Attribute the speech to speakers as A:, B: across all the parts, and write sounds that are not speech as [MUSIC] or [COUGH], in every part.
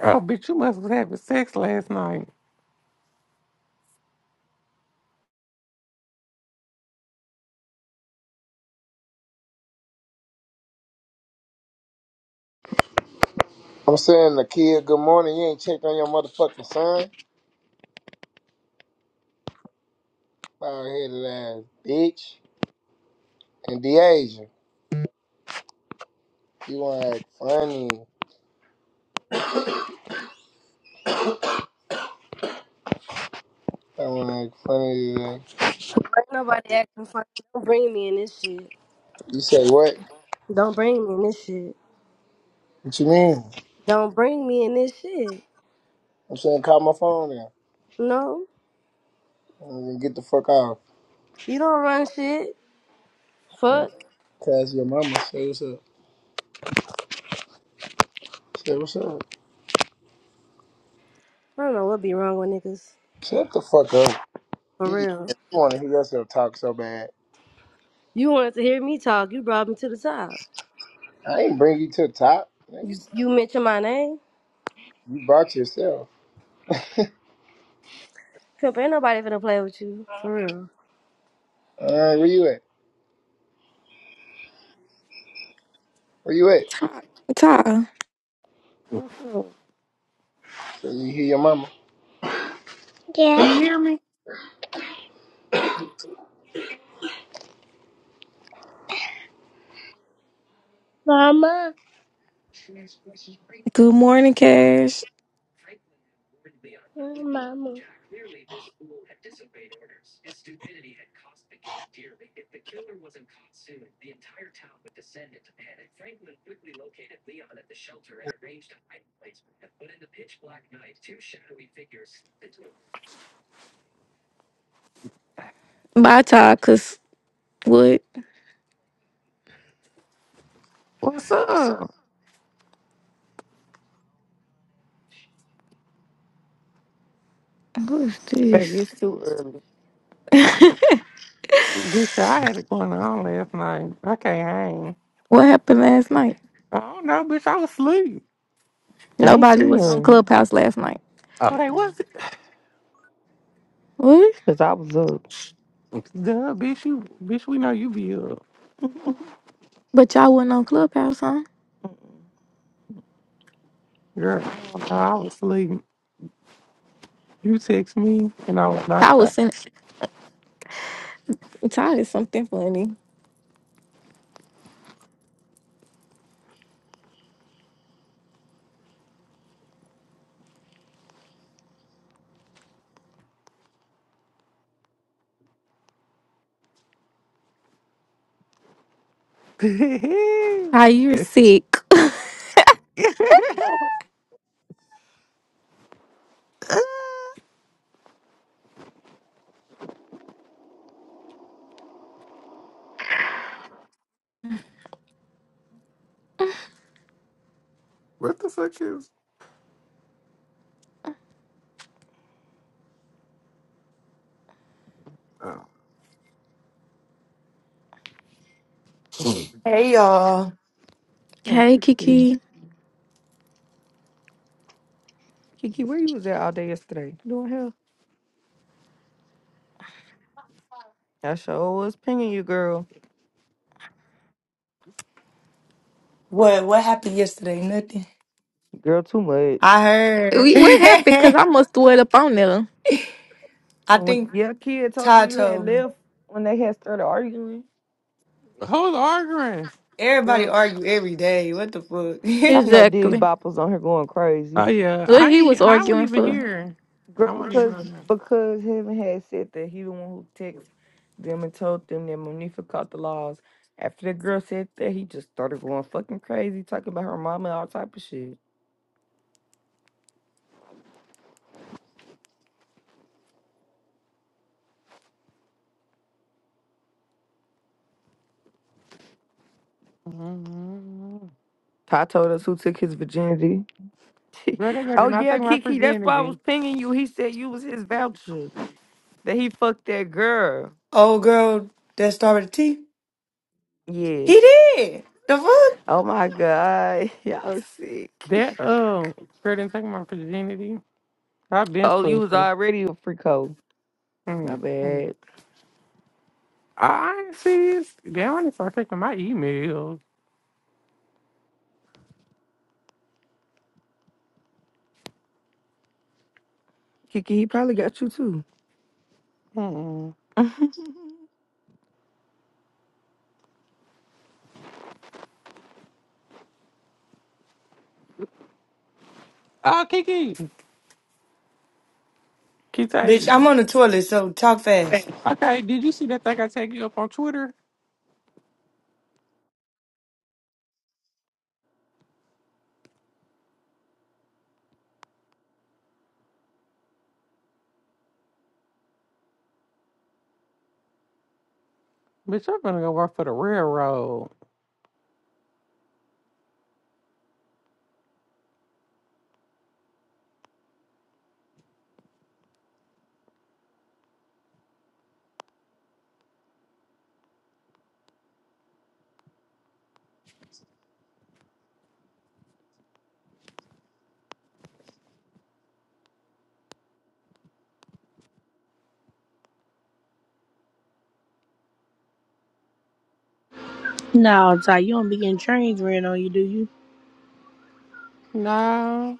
A: Oh, bitch, you must was having sex last night.
B: I'm saying the kid, good morning. You ain't checked on your motherfucking son. Out here, last bitch. And DeAsia, you wanna act funny. I wanna act funny today.
C: Ain't nobody acting funny. Don't bring me in this shit.
B: You say what?
C: Don't bring me in this shit.
B: What you mean?
C: Don't bring me in this shit.
B: I'm saying call my phone now.
C: No,
B: I'm gonna get the fuck off.
C: you don't run shit.
B: Uh,
C: Fuck.
B: Cause your mama say what's up. Say what's up.
C: I don't know what be wrong with niggas.
B: Shut the fuck up.
C: For
B: You just
C: real.
B: you wanna hear yourself talk so bad.
C: You wanted to hear me talk. You brought me to the top.
B: I ain't bring you to the top. nigga.
C: You, you mentioned my name.
B: You brought yourself.
C: Pimp, ain't nobody finna play with you. For real.
B: Alright, where you at? Where you at?
D: Ty, Ty.
A: What's up?
B: So you hear your mama.
A: You
B: Yeah,
A: hear me?
B: mama.
D: Good morning, Cash.
B: Where's mama?
D: Bye, Ty. Cause what?
A: What's up?
D: Who is
E: Baby,
D: this?
E: it's too early.
D: [LAUGHS]
A: Bitch, I had it going on last night. I can't hang.
D: what happened last night?
A: I don't know, bitch. I was asleep.
E: I ain't
D: Nobody
E: seen
D: was on
E: none.
D: Clubhouse last night.
A: Oh, they
E: Mm-mm.
A: was
D: What?
E: Cause I was up.
A: Duh, bitch, you, bitch, we know you be up.
E: Mm-mm.
D: But y'all wasn't on Clubhouse, huh?
E: Mm-mm.
A: Girl, I don't know. I was asleep. You text me, and I was
D: Ty
A: knocked
D: was
A: out. [LAUGHS]
D: sending. Ty is something funny. Ty, you're sick.
A: what the fuck is? Oh.
F: Hey y'all.
D: [LAUGHS]
E: Hey,
D: hey,
E: Kiki.
D: Kiki.
E: Kiki, where you was at all day yesterday? You Doing hell. I sure was pinging you, girl.
F: What what happened yesterday? Nothing.
E: Girl, too much.
F: I heard. [LAUGHS]
D: We, what happened? Cause I must threw it up on there.
F: I
E: When
F: think
E: your kid told you
F: Ty
E: you had
F: told me.
E: left when they had started arguing,
A: Who's arguing?
F: Everybody
E: girl.
F: argue every day. What the fuck?
E: Y'all know Diddy
D: Exactly.
E: Bop was on here going
A: Oh,
E: crazy.
A: yeah.
D: What
A: I
D: he was
A: ain't- I wasn't
D: arguing
A: even
D: for?
A: here. I
E: Girl,
A: wasn't
E: cause
A: even here.
E: because him had said that he the one who texted them and told them that Monifa caught the laws. After the girl said that, he just started going fucking crazy, talking about her mama and all type of shit.
A: Mhm.
E: Ty told us who took his virginity. [LAUGHS]
A: Girl, that girl
E: oh
A: did not
E: yeah,
A: take my
E: Kiki, that's why I was
A: virginity.
E: pinging you. He said you was his voucher that he fucked that girl.
F: [LAUGHS] Old girl that started the tea. He
E: Yes.
F: did. The fuck?
E: Oh my god, [LAUGHS] y'all sick.
A: That uh, girl didn't take my virginity. I've been
E: Oh, you
A: supposed
E: was
A: to.
E: already a freako. My
A: Mm. Mm.
E: bad,
A: I see. it's- They only start taking my emails.
E: Kiki. He probably got you too.
A: Mm-mm.
E: [LAUGHS]
A: Oh, Kiki, Kiki
F: Bitch, I'm
A: Tavis.
F: on the toilet, so talk
A: Hey.
F: fast.
A: Okay, did you see that thing I tagged you up on Twitter? Bitch, I'm gonna go work for the railroad.
G: No, Ty, you don't be getting trains ran on you, do you?
A: No,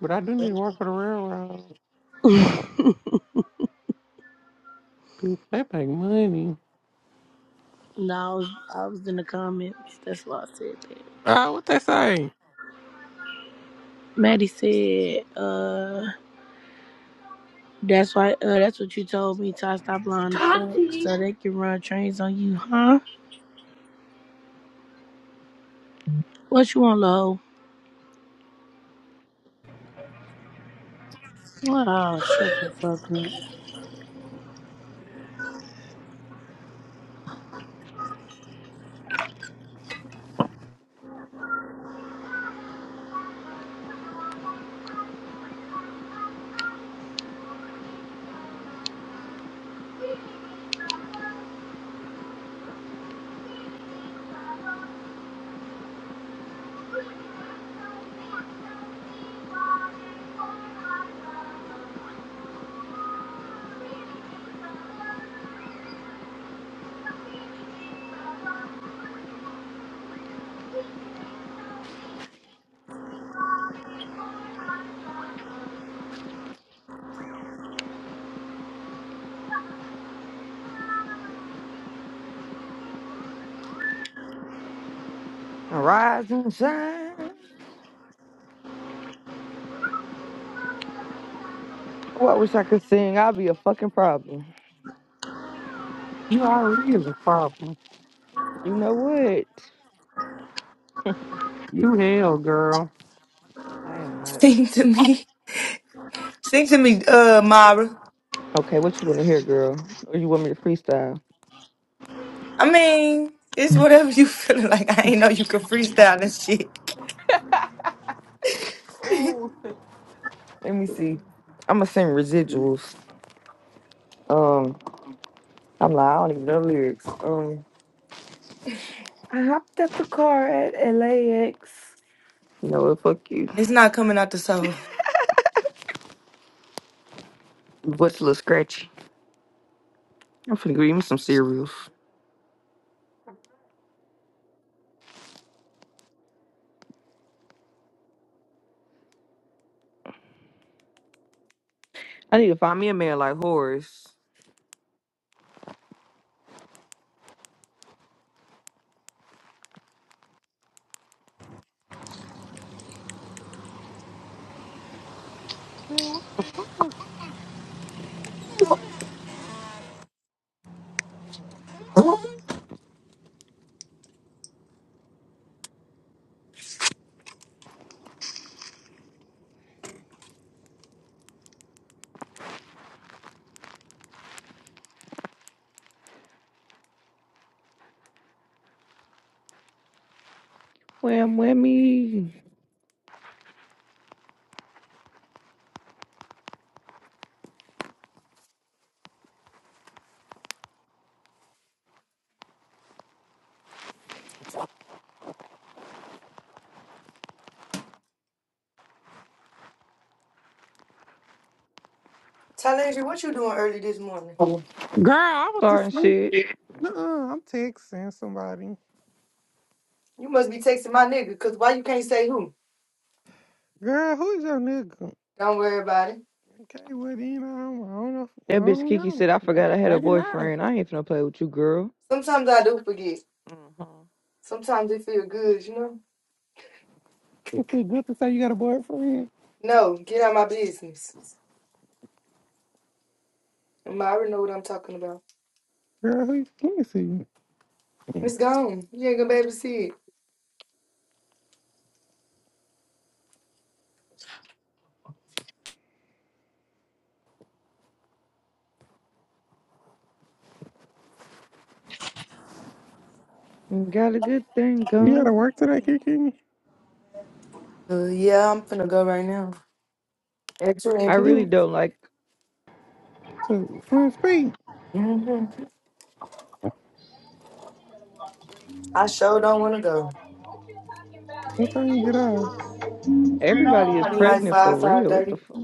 A: but I do need to work for the railroad.
G: [LAUGHS]
A: Bitch, They pay money.
G: no, I was, I was in the comments. That's why I said that.
A: Oh, what they say?
G: Maddie said, uh, that's why, uh, that's what you told me, Ty, stop lying to fuck,
H: Tati.
G: so they can run trains on you, huh? What you want, low? Oh, shut the fuck up.
E: Rise and shine. Oh, I wish I could sing. i would be a fucking problem.
A: You already is a problem.
E: You know what?
A: You hell, girl.
E: I am
F: [LAUGHS]
E: not.
F: Sing to me. Sing to me, uh, Mara.
E: Okay, what you want to hear, girl? Or you want me to freestyle?
F: I mean, it's whatever you [LAUGHS] feeling like. I ain't know you could freestyle and shit. [LAUGHS]
E: [LAUGHS] Ooh. Let me see. I'ma sing residuals. Um, I'm like, I don't even know lyrics. Um, I hopped at the car at LAX. you know what? Fuck you.
F: It's not coming out the soul.
E: What's a little scratchy? I'm finna give me some cereals. I need to find me a man like Horace.
A: Man, what the fuck?
E: Wham whammy.
F: Talenji, what you doing early this morning?
A: Girl, I was
E: Starting
A: asleep.
E: shit.
A: Nuh-uh, I'm texting somebody.
F: You must be texting my nigga, because why you can't say who?
A: Girl, who's your nigga?
F: Don't worry about it.
A: Okay, well then I don't, I don't know. I
E: That bitch
A: don't
E: Kiki
A: know.
E: said, I
A: Maybe,
E: forgot I had a
A: maybe not.
E: boyfriend. I ain't finna play with you, girl.
F: Sometimes I do forget.
E: hmm
F: Sometimes it feel good, you know?
A: It feel good to say you got a boyfriend.
F: No, get out of my business. Um, I already know what I'm talking about.
A: Girl, who? Let me see.
F: It's gone. You ain't gonna be able to see it.
E: You Got a good thing
A: You gotta
E: going.
A: work today,
E: on.
A: Kiki.
F: Uh, yeah, I'm finna go right now. Actually,
E: I really don't like
A: So when speak,
F: mm-hmm. I sure don't wanna go.
A: what time you get off?
E: everybody is
F: Probably like
E: pregnant for
F: 5,
E: real. What the
F: 5.30.
E: fuck?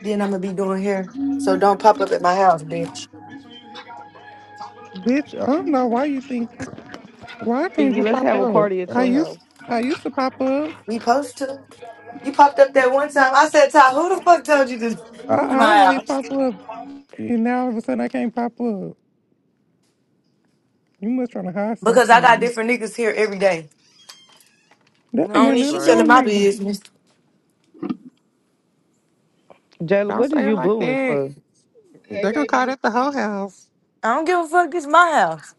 F: Then I'm gonna be doing hair. So don't pop up at my house, bitch.
A: Bitch, I don't know why you think why I can't
E: Kiki,
A: just
E: let's
A: pop
E: have a
A: up.
E: party at
A: I
E: your house.
A: used I used to pop up.
F: We supposed to. You popped up that one time. I said, Ty, who the fuck told you to
A: I,
F: [LAUGHS]
A: I
F: my
A: always
F: house?
A: pop up, and now all of a sudden I can't pop up. You must trying to hide something
F: Because I got
A: from me.
F: different niggas here every day.
A: That
E: No,
F: I
A: ain't
F: don't
A: got
E: that's
F: need you
A: nothing to do
E: right.
F: telling
A: with
F: my
A: me.
F: business.
E: Jayla,
A: Don't
E: what is
A: say it
E: you
A: like
E: booing
A: that.
E: for?
A: They gonna call that the whole house.
F: I don't give a fuck. This my house.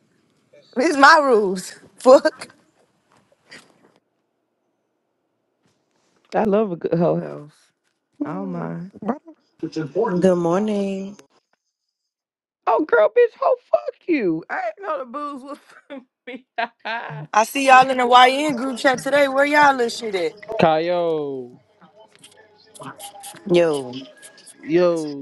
F: This my rules. [LAUGHS] Fuck.
E: I love a good hoe house. I don't
A: Hmm.
E: mind.
A: Why
I: Good morning.
E: Oh girl, bitch, hoe fuck you. I ain't know the booze was for me. [LAUGHS] I
F: I see y'all in the YN
E: wouldn't.
F: group chat today. Where y'all little shit at?
H: Kyle,
I: Yo.
H: Yo.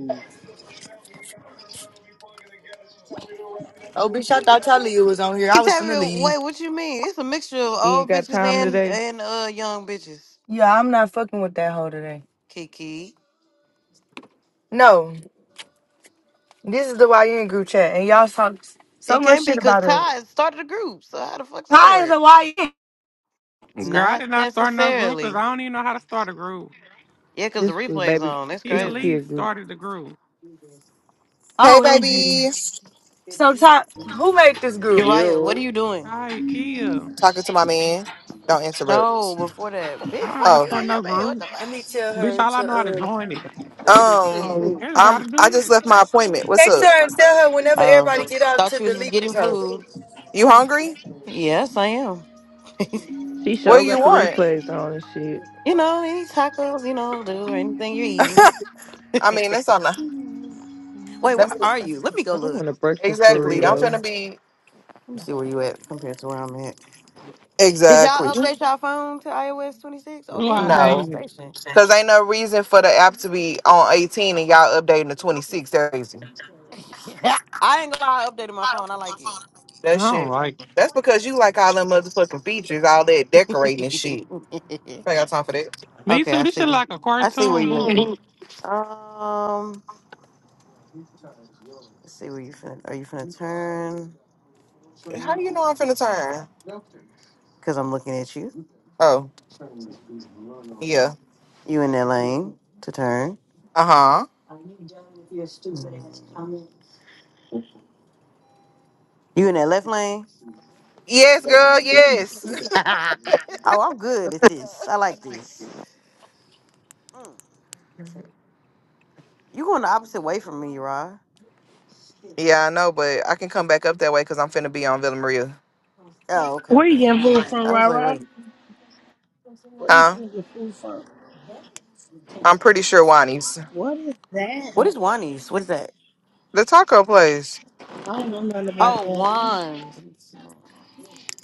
F: Oh, bitch, I thought Talia was on here. I
I: Can
F: was finna
I: Tavia,
F: leave.
I: wait, what you mean? It's a mixture of
E: You ain't
I: old
E: got
I: bitches
E: time
I: and
E: today.
I: and uh young bitches,
F: Yeah, I'm not fucking with that hoe today.
I: Kiki.
F: No, this is the YN group chat, and y'all talk so
I: It
F: much
I: can't be
F: shit
I: because
F: about her.
I: Ty started a group. So how the fuck's that
F: Ty is
I: work?
F: a YN.
A: don't- Girl, I
I: Not
A: did not start no group 'cause
I: necessarily.
A: I don't even know how to start a group.
I: Yeah, because the
E: This was
I: replay's
E: baby
I: on. That's
E: this
A: Kia
E: was
I: crazy.
A: Lee
E: kid group.
A: started the group.
J: Hey,
F: OMG.
J: baby.
F: So, Ty, who made this group?
I: Uriah, what
H: yo.
I: are you doing?
A: All right, Kia.
J: Talking to my man. Don't
I: No,
J: interrupt.
I: before that.
A: I
I: Bitch,
A: don't know how
I: fuck
A: to
I: you
J: Oh,
A: start
I: and
A: no
I: your man. What
A: group.
I: the
F: Let
I: fuck?
F: me tell
A: Bitch,
F: her
A: all I know how to
F: to uh,
A: join it.
I: Think of this
J: um,
I: shit.
A: Oh. I don't know how
J: I'm.
A: to do
J: I just left
A: this.
J: my appointment. What's
F: text
J: up?
F: her and tell her whenever
I: Oh.
F: everybody get out
I: Thought
F: to
I: you was
F: delete
I: getting
F: this hoe.
I: food.
J: You hungry?
I: Yes, I am. [LAUGHS]
E: She
J: What do
E: sure
J: you
E: got the
J: want?
E: replays on and shit.
I: You know, any tacos, you know, dude, or anything you're eating.
J: I mean, that's on the.
I: Wait, where
J: Let me.
I: are you? Let me go
E: I
I: look.
E: want a breakfast
I: Let me see where
J: Exactly.
I: you
J: I'm
I: at.
E: burrito.
J: finna be.
I: Let me see where you at compared to where I'm at. Did
J: Exactly.
I: y'all update y'all phone to iOS 26? Oh,
A: Do
I: damn,
A: I
I: you can call the
J: No,
A: hate it?
I: station.
J: cause ain't no reason for the app to be on 18 and y'all updating to 26. That's crazy.
I: [LAUGHS] I ain't gonna lie, I updated my phone. I like it.
A: I
J: That
A: don't
J: shit.
A: like it.
J: That's because you like all them motherfucking features, all that decorating and shit.
I: [LAUGHS]
J: I ain't got time for that.
A: Me
I: okay,
A: too.
I: I
A: This shit
I: see.
A: like a
I: I see where
A: cartoon
I: you at.
A: movie.
I: [LAUGHS] Um, let's see where you finna. Are you finna turn?
J: How do you know I'm finna turn?
I: Because I'm looking at you.
J: Oh, yeah.
I: You in that lane to turn.
J: Uh huh.
I: you You in that left lane?
J: Yes, girl. Yes.
I: [LAUGHS] oh, I'm good at this. I like this. Mm. You going the opposite way from me, Rod?
J: Yeah, I know, but I can come back up that way because I'm finna be on Villa Maria.
I: Oh, okay,
G: Where you
I: okay,
G: getting food
I: okay.
G: from,
I: I was like,
G: Rara?
I: wait,
G: Where you
J: Huh?
G: getting your food from?
J: I'm pretty sure Wani's.
G: What is
I: what
G: that?
I: is Juanies? What is that?
J: The taco place.
G: I don't know nothing about
I: Oh,
G: that.
I: Juan.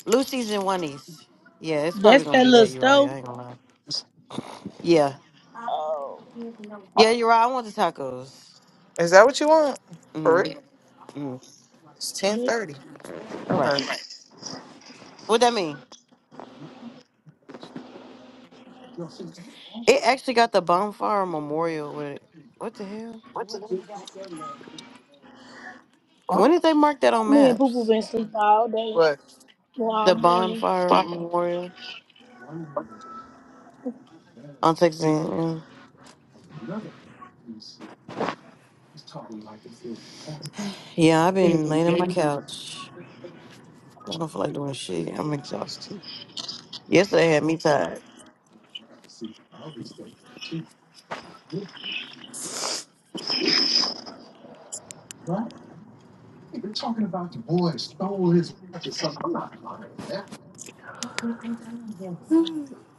I: Lucy's and Juanies. Yeah, it's probably
G: That's
I: gonna
G: that
I: be
G: little
I: that, Uriah.
G: stove?
I: I ain't gonna lie. Yeah,
G: Oh,
I: yeah, Uriah. I want the tacos.
J: Is that what you want? For
I: Mm-hmm.
J: real?
I: hmm
J: It's
G: bitch.
J: 1030.
I: Right.
J: Okay.
I: What that mean? It actually got the bonfire memorial with it. What the hell? When did they mark that on
G: Me and Poo Poo
I: maps?
G: been asleep all day.
J: But
G: for
I: The
G: all morning.
I: bonfire memorial on Texas. a Yeah, I've been laying on my
F: Mhm.
I: couch. I don't feel like doing shit. I'm exhausted. Yesterday had me tired.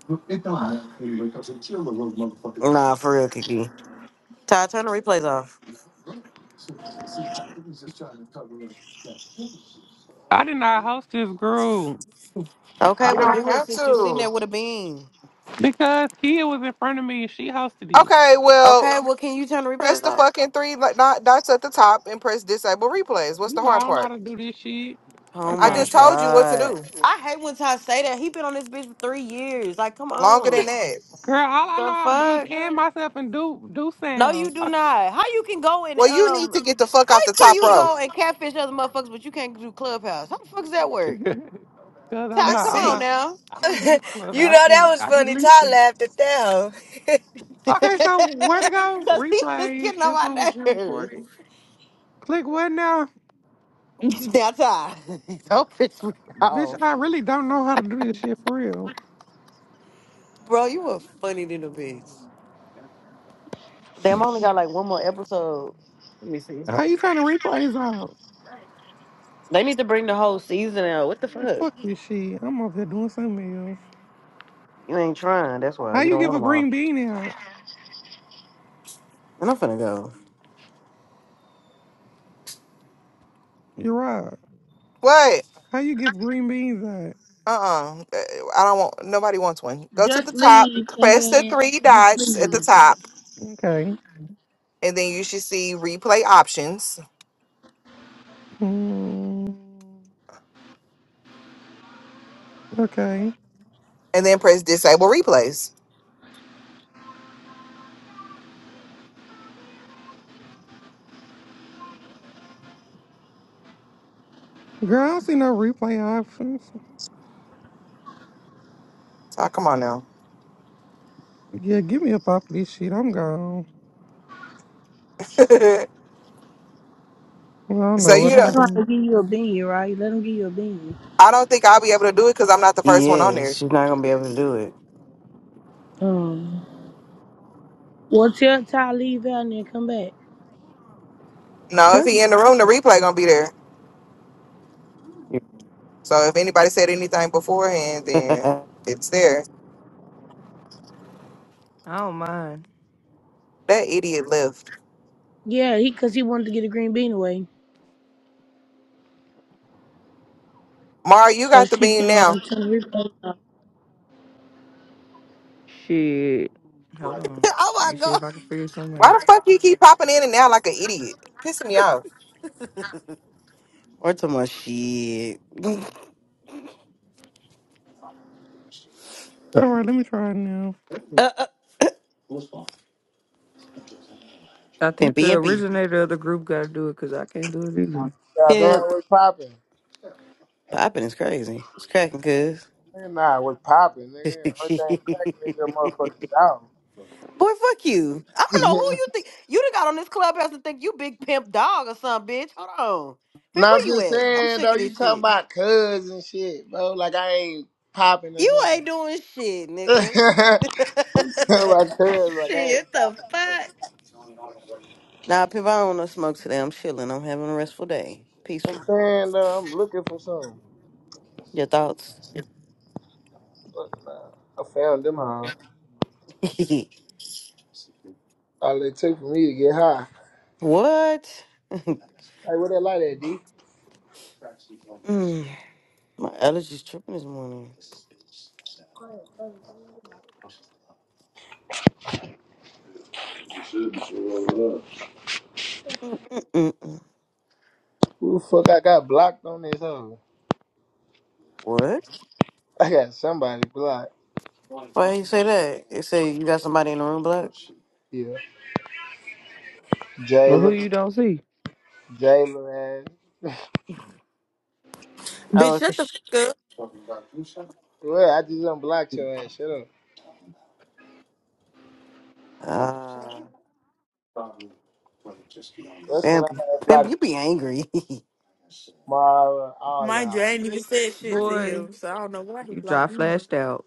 I: Nah, for real, Kiki. Ty, turn the replays off.
A: I did not host this group. I
I: Okay,
J: you
I: we'll
A: don't
J: don't
I: do it
A: know.
J: have
I: since you sitting there
J: to.
I: with a bean.
A: Because Kia was in front of me and she hosted it.
J: Okay, well,
I: Okay, well, can you turn the
J: press
I: replays
J: the
I: off?
J: fucking three li- dot- dots at the top and press disable replays. What's the
A: You know, I
J: hard
A: don't know how
J: part?
A: to do this shit.
I: Oh
J: I
A: Okay.
I: my
J: just told you what to
I: god.
J: do.
I: I hate when Ty say that. He been on this bitch for three years. Like, come
J: Longer
I: on.
J: than that.
A: Girl, all I know
I: The
A: how to do is
I: fuck?
A: end myself and do do
I: No, you
A: sounds. [LAUGHS]
I: do not. How you can go and
J: Well, you need
I: um
J: to get the fuck
I: how
J: out the
I: can
J: top
I: you
J: row.
I: go and catfish other motherfuckers but you can't do clubhouse? How the fuck does that work?
A: Cause I'm
I: Ty,
A: not
I: come
J: That's
A: I'm
I: on
J: it.
A: not
I: now.
A: I don't do this club.
F: You
A: I
F: know that
A: should
F: was
A: I just
F: funny. Ty
A: listen.
F: laughed at that. hoe.
A: Okay, so where to go?
I: [LAUGHS] Cause he is
A: Replays.
I: getting
A: This
I: on
A: one was
I: my
A: being
I: nerves.
A: recorded. Click what now?
I: Now Ty. [LAUGHS] Don't piss me
A: Bitch,
I: off.
A: I really don't know how to do this shit for real.
I: Bro, you were funny than a bitch. Damn, I only got like one more episode. Let me see.
A: How you turn the replays off?
I: They need to bring the whole season out. What the
A: Man,
I: fuck?
A: Fuck this shit. I'm up here doing something else.
I: You ain't trying. That's why
A: How
I: you
A: you
I: don't
A: give
I: want
A: a
I: them all.
A: green bean out?
I: And I'm finna go.
A: You're right.
J: What?
A: How you give green beans out?
J: Uh-uh. Uh, I don't want nobody wants one. Go to the
G: Just
J: top,
G: leave and
J: press the
G: then
J: three
G: just
J: dots at the
G: leave.
J: top,
A: Okay.
J: and then you should see replay options,
A: Mm, okay.
J: and then press disable replays.
A: Girl, I don't see no replay options.
J: Oh, come on now.
A: Yeah, give me up off this shit. I'm gone.
J: [LAUGHS] so
A: Well, I don't know what
J: you
G: Just tell
A: I'm
J: don't
G: them how to
A: doing.
G: give you a bean, right? Let them give you a bean.
J: I don't think I'll be able to do it because I'm not the first one on
I: Yes,
J: there.
I: she's not gonna be able to do it.
G: Um. Well, tell Ty leave out and then come back.
J: No,
A: Hey,
J: if he in the room, the replay gonna be there. So if anybody said anything beforehand,
I: [LAUGHS]
J: then it's there.
E: I don't mind.
J: That idiot left.
G: Yeah, he because he wanted to get a green bean away,
J: Mara, you
G: so
J: got the
G: she
J: beam
G: can
J: now.
G: um turn the replay off.
E: Shit. Hold on. Let
I: oh my
E: me see
I: god.
E: if I can figure something
J: Why
E: out.
J: the fuck you keep popping in and out like an idiot? Pissing me off.
I: Or too much shit. [LAUGHS] uh,
A: All right, let me try it now.
I: uh,
E: I think
I: pimpy
E: the
I: impy.
E: originator of the group got to do it because I can't do it either.
B: God damn,
I: Pimp.
B: what's poppin'?
I: Popping is crazy. It's cracking, cuz.
B: Nigga, nah, what's poppin'? Nigga,
I: [LAUGHS]
B: everything crack nigga, motherfucking
I: Boy, fuck you. I don't know who
B: down.
I: you think. You done got on this clubhouse and think you big pimp dog or something, bitch. Hold on.
B: [LAUGHS]
I: Pimp,
B: nah, I'm
I: where you
B: just
I: at? I'm
B: saying,
I: sick
B: though,
I: of
B: you
I: this
B: talking
I: shit.
B: about cuz and shit, bro. Like, I ain't poppin' or
I: You
B: something.
I: ain't doing shit,
B: [LAUGHS] My
I: nigga. [LAUGHS]
B: cuz, like, I ain't
I: shit, what the
B: poppin' or
I: fuck?
B: something.
I: Nah, Pip, I don't want to smoke today. I'm chilling. I'm having a restful day.
B: I'm
I: Peaceful.
B: saying, though, I'm looking for something.
I: Your thoughts?
B: Fuck, nah, I found them, huh?
I: [LAUGHS]
B: All it took for me to get high.
I: what?
B: Hey, what that light at, D?
I: Mm, my allergies tripping this morning. Mm-mm-mm-mm.
B: Who the fuck I got blocked on this hoe?
I: What?
B: I got somebody blocked.
I: Why you say that? It say you got somebody in the room, black.
B: Yeah.
E: Well, who
B: Jayla,
E: you don't see?
B: Jayla, man.
I: Oh,
K: Bitch,
I: okay.
K: shut the fuck up.
B: Well, I just unblocked your ass. Shut up.
I: Uh,
B: That's when
I: Pimp,
B: I had
I: Pimp, you
B: blocked
I: be angry. [LAUGHS]
B: Mara, all
K: Mind you,
B: y'all.
K: I ain't even said shit to
E: Boy,
K: him, so I don't know why he
E: you dry
K: blocked me.
E: flashed out.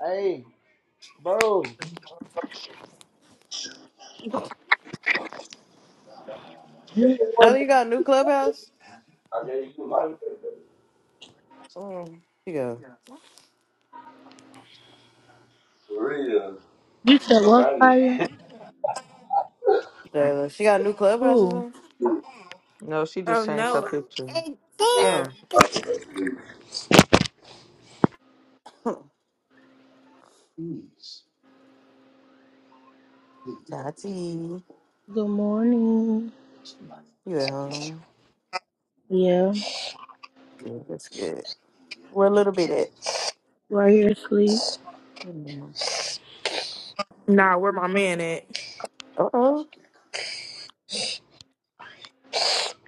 B: Hey, bro, you the one
I: oh, you
B: that.
I: got a new clubhouse?
B: I gave you my
E: Oh.
I: She go.
B: For real,
G: You said
B: no
G: what,
B: got it.
G: Kaya?
I: Jayla. She got a new clubhouse or
G: Who?
I: something?
E: No, she
K: Oh
E: just changed her
K: no.
E: picture.
K: Yeah.
I: Oh. Huh. Tati, you
G: Good morning.
I: at home?
G: Yeah,
I: Good, that's good. Where a little bit at?
G: right here asleep.
K: Nah, where my man at?
I: Uh-oh.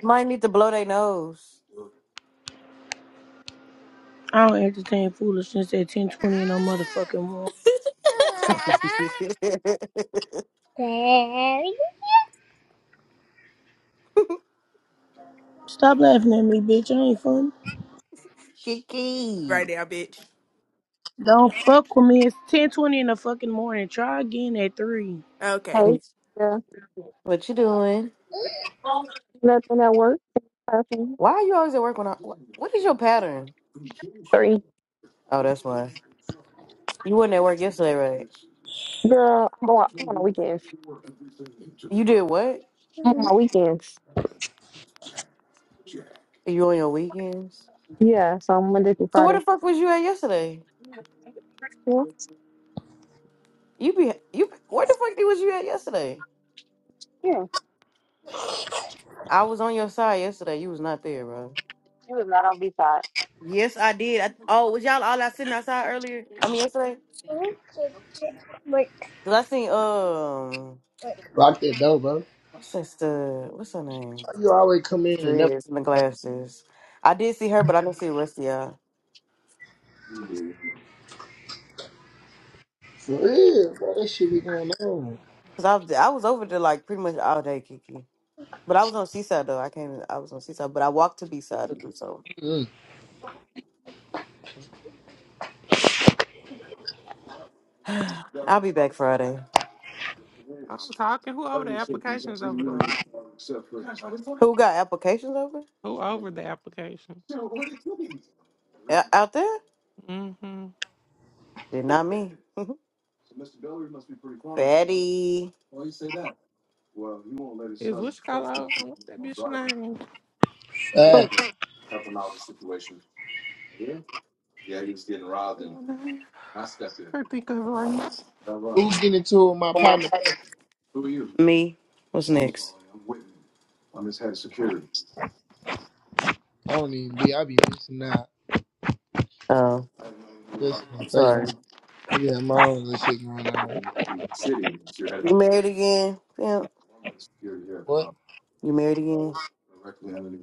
I: Might need to blow their nose.
G: I don't entertain foolishness at ten twenty in no motherfucking morning.
I: [LAUGHS]
B: Daddy,
G: Stop laughing at me, bitch. I ain't funny.
K: Right
I: Kiki.
K: now, bitch.
G: Don't fuck with me. It's ten twenty in the fucking morning. Try again at 3.
K: Okay.
L: Hey, yeah.
I: What you doing?
L: Nothing at work. Nothing.
I: Why are you always at work when I wh- what is your pattern?
L: Three.
I: Oh, that's why. You weren't at work yesterday, right?
L: Girl, I'm on, I'm on the weekends.
I: You did what?
L: I'm on my weekends.
I: You on your weekends?
L: Yeah, so I'm Monday through
I: So where
L: Friday.
I: the fuck was you at yesterday?
L: Yeah.
I: You be you where the fuck was you at yesterday?
L: yeah.
I: I was on your side yesterday. You was not there, bro.
L: She was not on B side.
I: Yes, I did. I, oh, was y'all all out sitting outside earlier? I mean yesterday? Cause I seen um
B: Block that door, bro.
I: What's that stud? What's her name?
B: Why You always
I: With
B: come
I: the
B: in and never.
I: dreads and the glasses. I did see her, but I didn't see the rest of y'all.
B: For real, bro, that shit be going on.
I: Cause I was I was over there like pretty much all day, Kiki. But I was on Seaside though. I came. I was on Seaside, but I walked to B side to do so.
B: Mm.
I: [SIGHS] I'll be back Friday.
A: I'm talking. Who over the
I: Who
A: applications over there?
I: got applications over
A: Who over the application?
I: O- out there?
A: Mm-hmm.
I: Did not me. [LAUGHS] Fatty.
A: Is what you call over? What's that bitch name?
B: Uh,
I: Who?
A: I don't know. I can't think of it right now.
B: who getting into it with my partner?
I: Me. What's next?
B: I don't even be. I be missing out.
I: Oh,
B: Just on
I: sorry.
B: Facebook. I be having my own little shit going on.
I: You married again, pimp?
B: Boy,
I: You married again?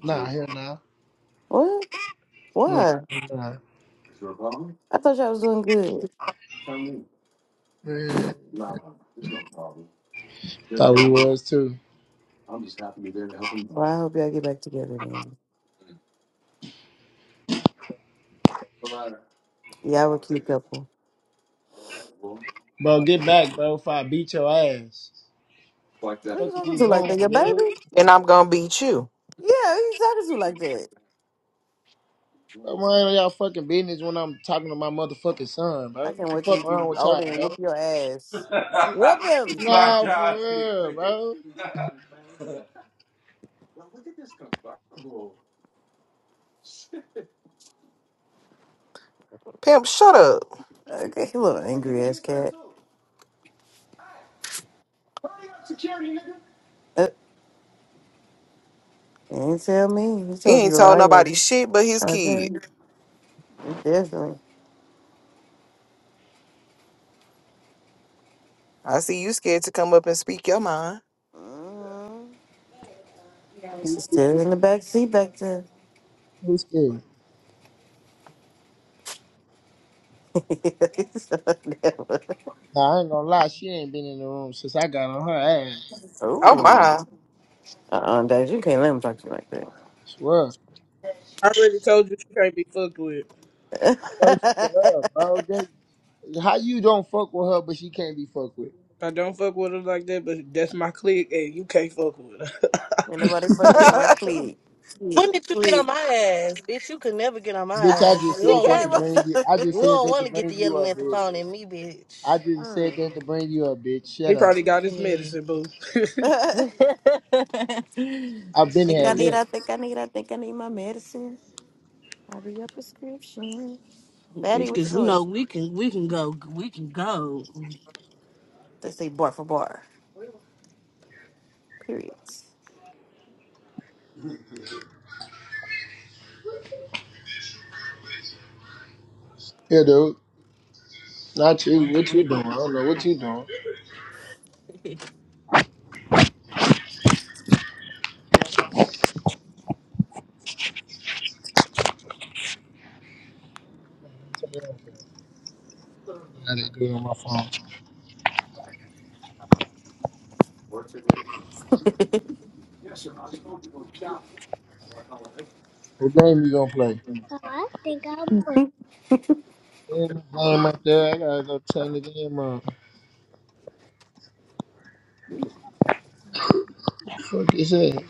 B: Nah, hell nah.
I: What?
B: Nah,
I: Why?
B: hell nah.
I: I thought y'all was doing good.
B: Yeah, thought we was too.
I: Well, I hope y'all get back together then. Y'all were a cute couple.
B: Bro,
I: Who
B: get back, bro, if I beat your ass.
I: you
B: What the fuck are
I: talking
B: you
I: to like that? Your
B: doing,
I: baby?
B: dude?
J: And I'm gonna beat you.
I: Yeah, who you talking to like that?
B: What wrong with y'all fucking business when I'm talking to my motherfucking son, bro?
I: I
B: What
I: can't
B: the
I: wait till
B: fuck
I: you
B: wrong
I: get
B: with
I: older
B: y'all,
I: and whoop
B: bro?
I: your ass. Whoop
B: [LAUGHS]
I: him!
B: Nah, for God, this real, bro.
J: Pimp, shut up.
I: Okay, you little angry ass cat. Uh, and tell me. He
J: He
I: told you
J: ain't told
I: right here.
J: nobody shit but his kid.
I: Okay. Definitely.
J: I see you scared to come up and speak your mind.
I: Mhm.
B: Who's
I: She's
B: scared?
I: Still in the back seat back there.
B: Who's scared?
I: [LAUGHS]
B: Nah, I ain't gonna lie, she ain't been in the room since I got on her ass.
J: Oh
I: oh,
J: my.
I: uh-uh, Dad, you can't let him talk to you like
B: Swear.
M: I already told you she can't be fucked with.
I: that.
B: Bro, shut up, bro.
I: [LAUGHS]
B: That- How you don't fuck with her, but she can't be fucked with?
M: I don't fuck with her like that, but that's my clique, and you can't fuck with her.
I: Ain't nobody
B: [LAUGHS]
I: fucking with my
J: [LAUGHS]
I: clique. Yes,
N: When did you get on
I: clique.
N: my ass, bitch? You could never get on my
B: Bitch, I
N: ass.
I: Ah,
B: just
N: You
I: she
B: said
N: don't want
B: that
N: to
B: to
I: came
N: get
I: up.
B: bring
N: this.
B: you. I just
N: You
B: said
N: don't
B: that to
N: want to get the
B: bring you
N: yelling
B: up,
N: at the
B: bitch.
N: phone at me,
B: I
N: bitch.
I: [LAUGHS]
B: just said
I: mm.
B: that to bring you up, bitch.
M: [LAUGHS]
B: Shut
M: he
B: up.
M: probably got his medicine, boo. [LAUGHS]
I: [LAUGHS]
N: [LAUGHS]
B: I've been
I: think
B: had
I: I need, I
B: that.
I: think I need, I think I need my medicine. I'll be a prescription. Betty,
N: Bitch,
I: what you
N: cause you
I: doing?
N: know we can we can go we can go.
I: They say bar for bar. Periods.
B: Yeah, dude. Not you. What you doing? I don't know what you doing. Hold on, Let me turn it off. for you. I gotta do it on my phone.
I: [LAUGHS]
B: What game you gonna play? Oh, I think I'll play.
I: I
B: There's a Game up there. I gotta go turn the game on. Fuck is that?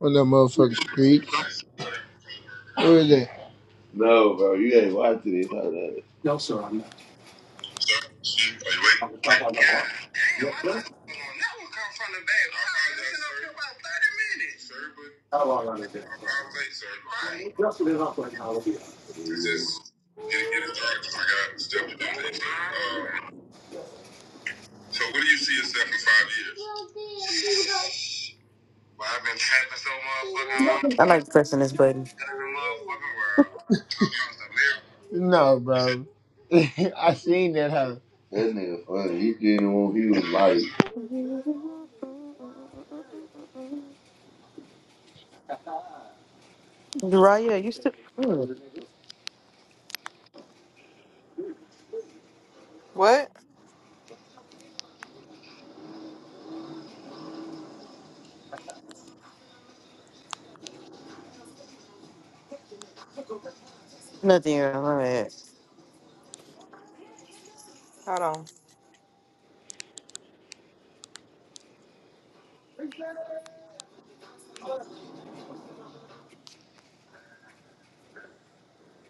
B: On that motherfucking street. Where is that? No, bro. You ain't watching this. [LAUGHS] She, are you ready? God damn, I thought you was on that one come from the bag. I was been up here about 30 minutes. Sir, but I was late, sir. Right. It's just, it, it is hard because I got stuff to do today, sir. Um, so what do you see yourself in five years? [LAUGHS] Well, I've been trapping so motherfucking long.
I: like pressing this button.
B: Motherfucking world. No, bro. [LAUGHS] I seen that hoe.
I: Raya, you still mm,
J: what?
I: nothing. All right.
J: Hold on.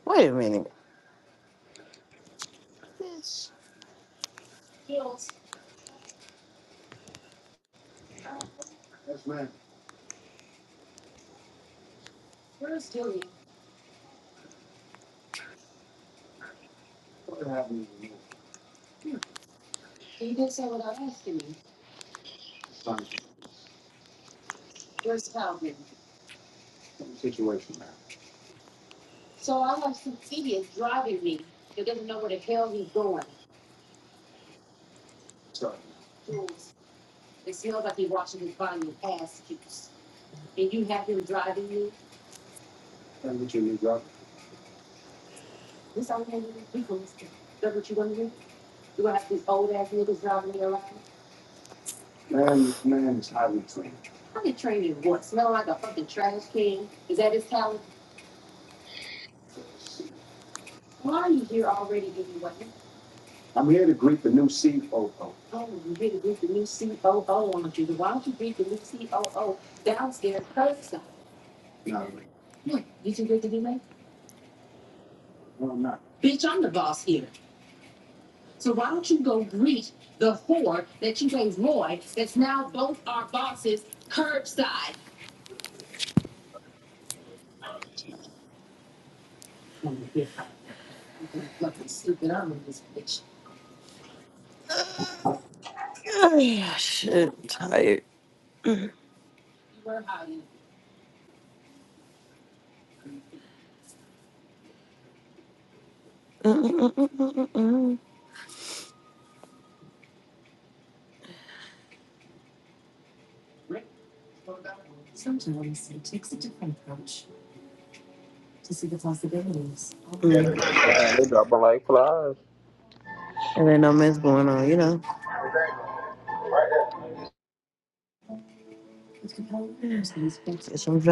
I: Wait a minute. Bitch. Oh, you really with the new COO on you. Why don't you read the new COO downstairs curbside? What? You too good to be late? Bitch, I'm the boss here. So why don't you go greet the whore that you gave Roy that's now both our bosses curbside? Oh, yeah. I'm Fucking stupid. I'm in this bitch. [SIGHS] Oh, Yeah, shit, I'm tired. You [LAUGHS] were hiding. Mm-mm-mm-mm-mm. Sometimes it takes a different approach to see the possibilities.
H: they dropping like flies.
I: And I no what's going on, you know. Get some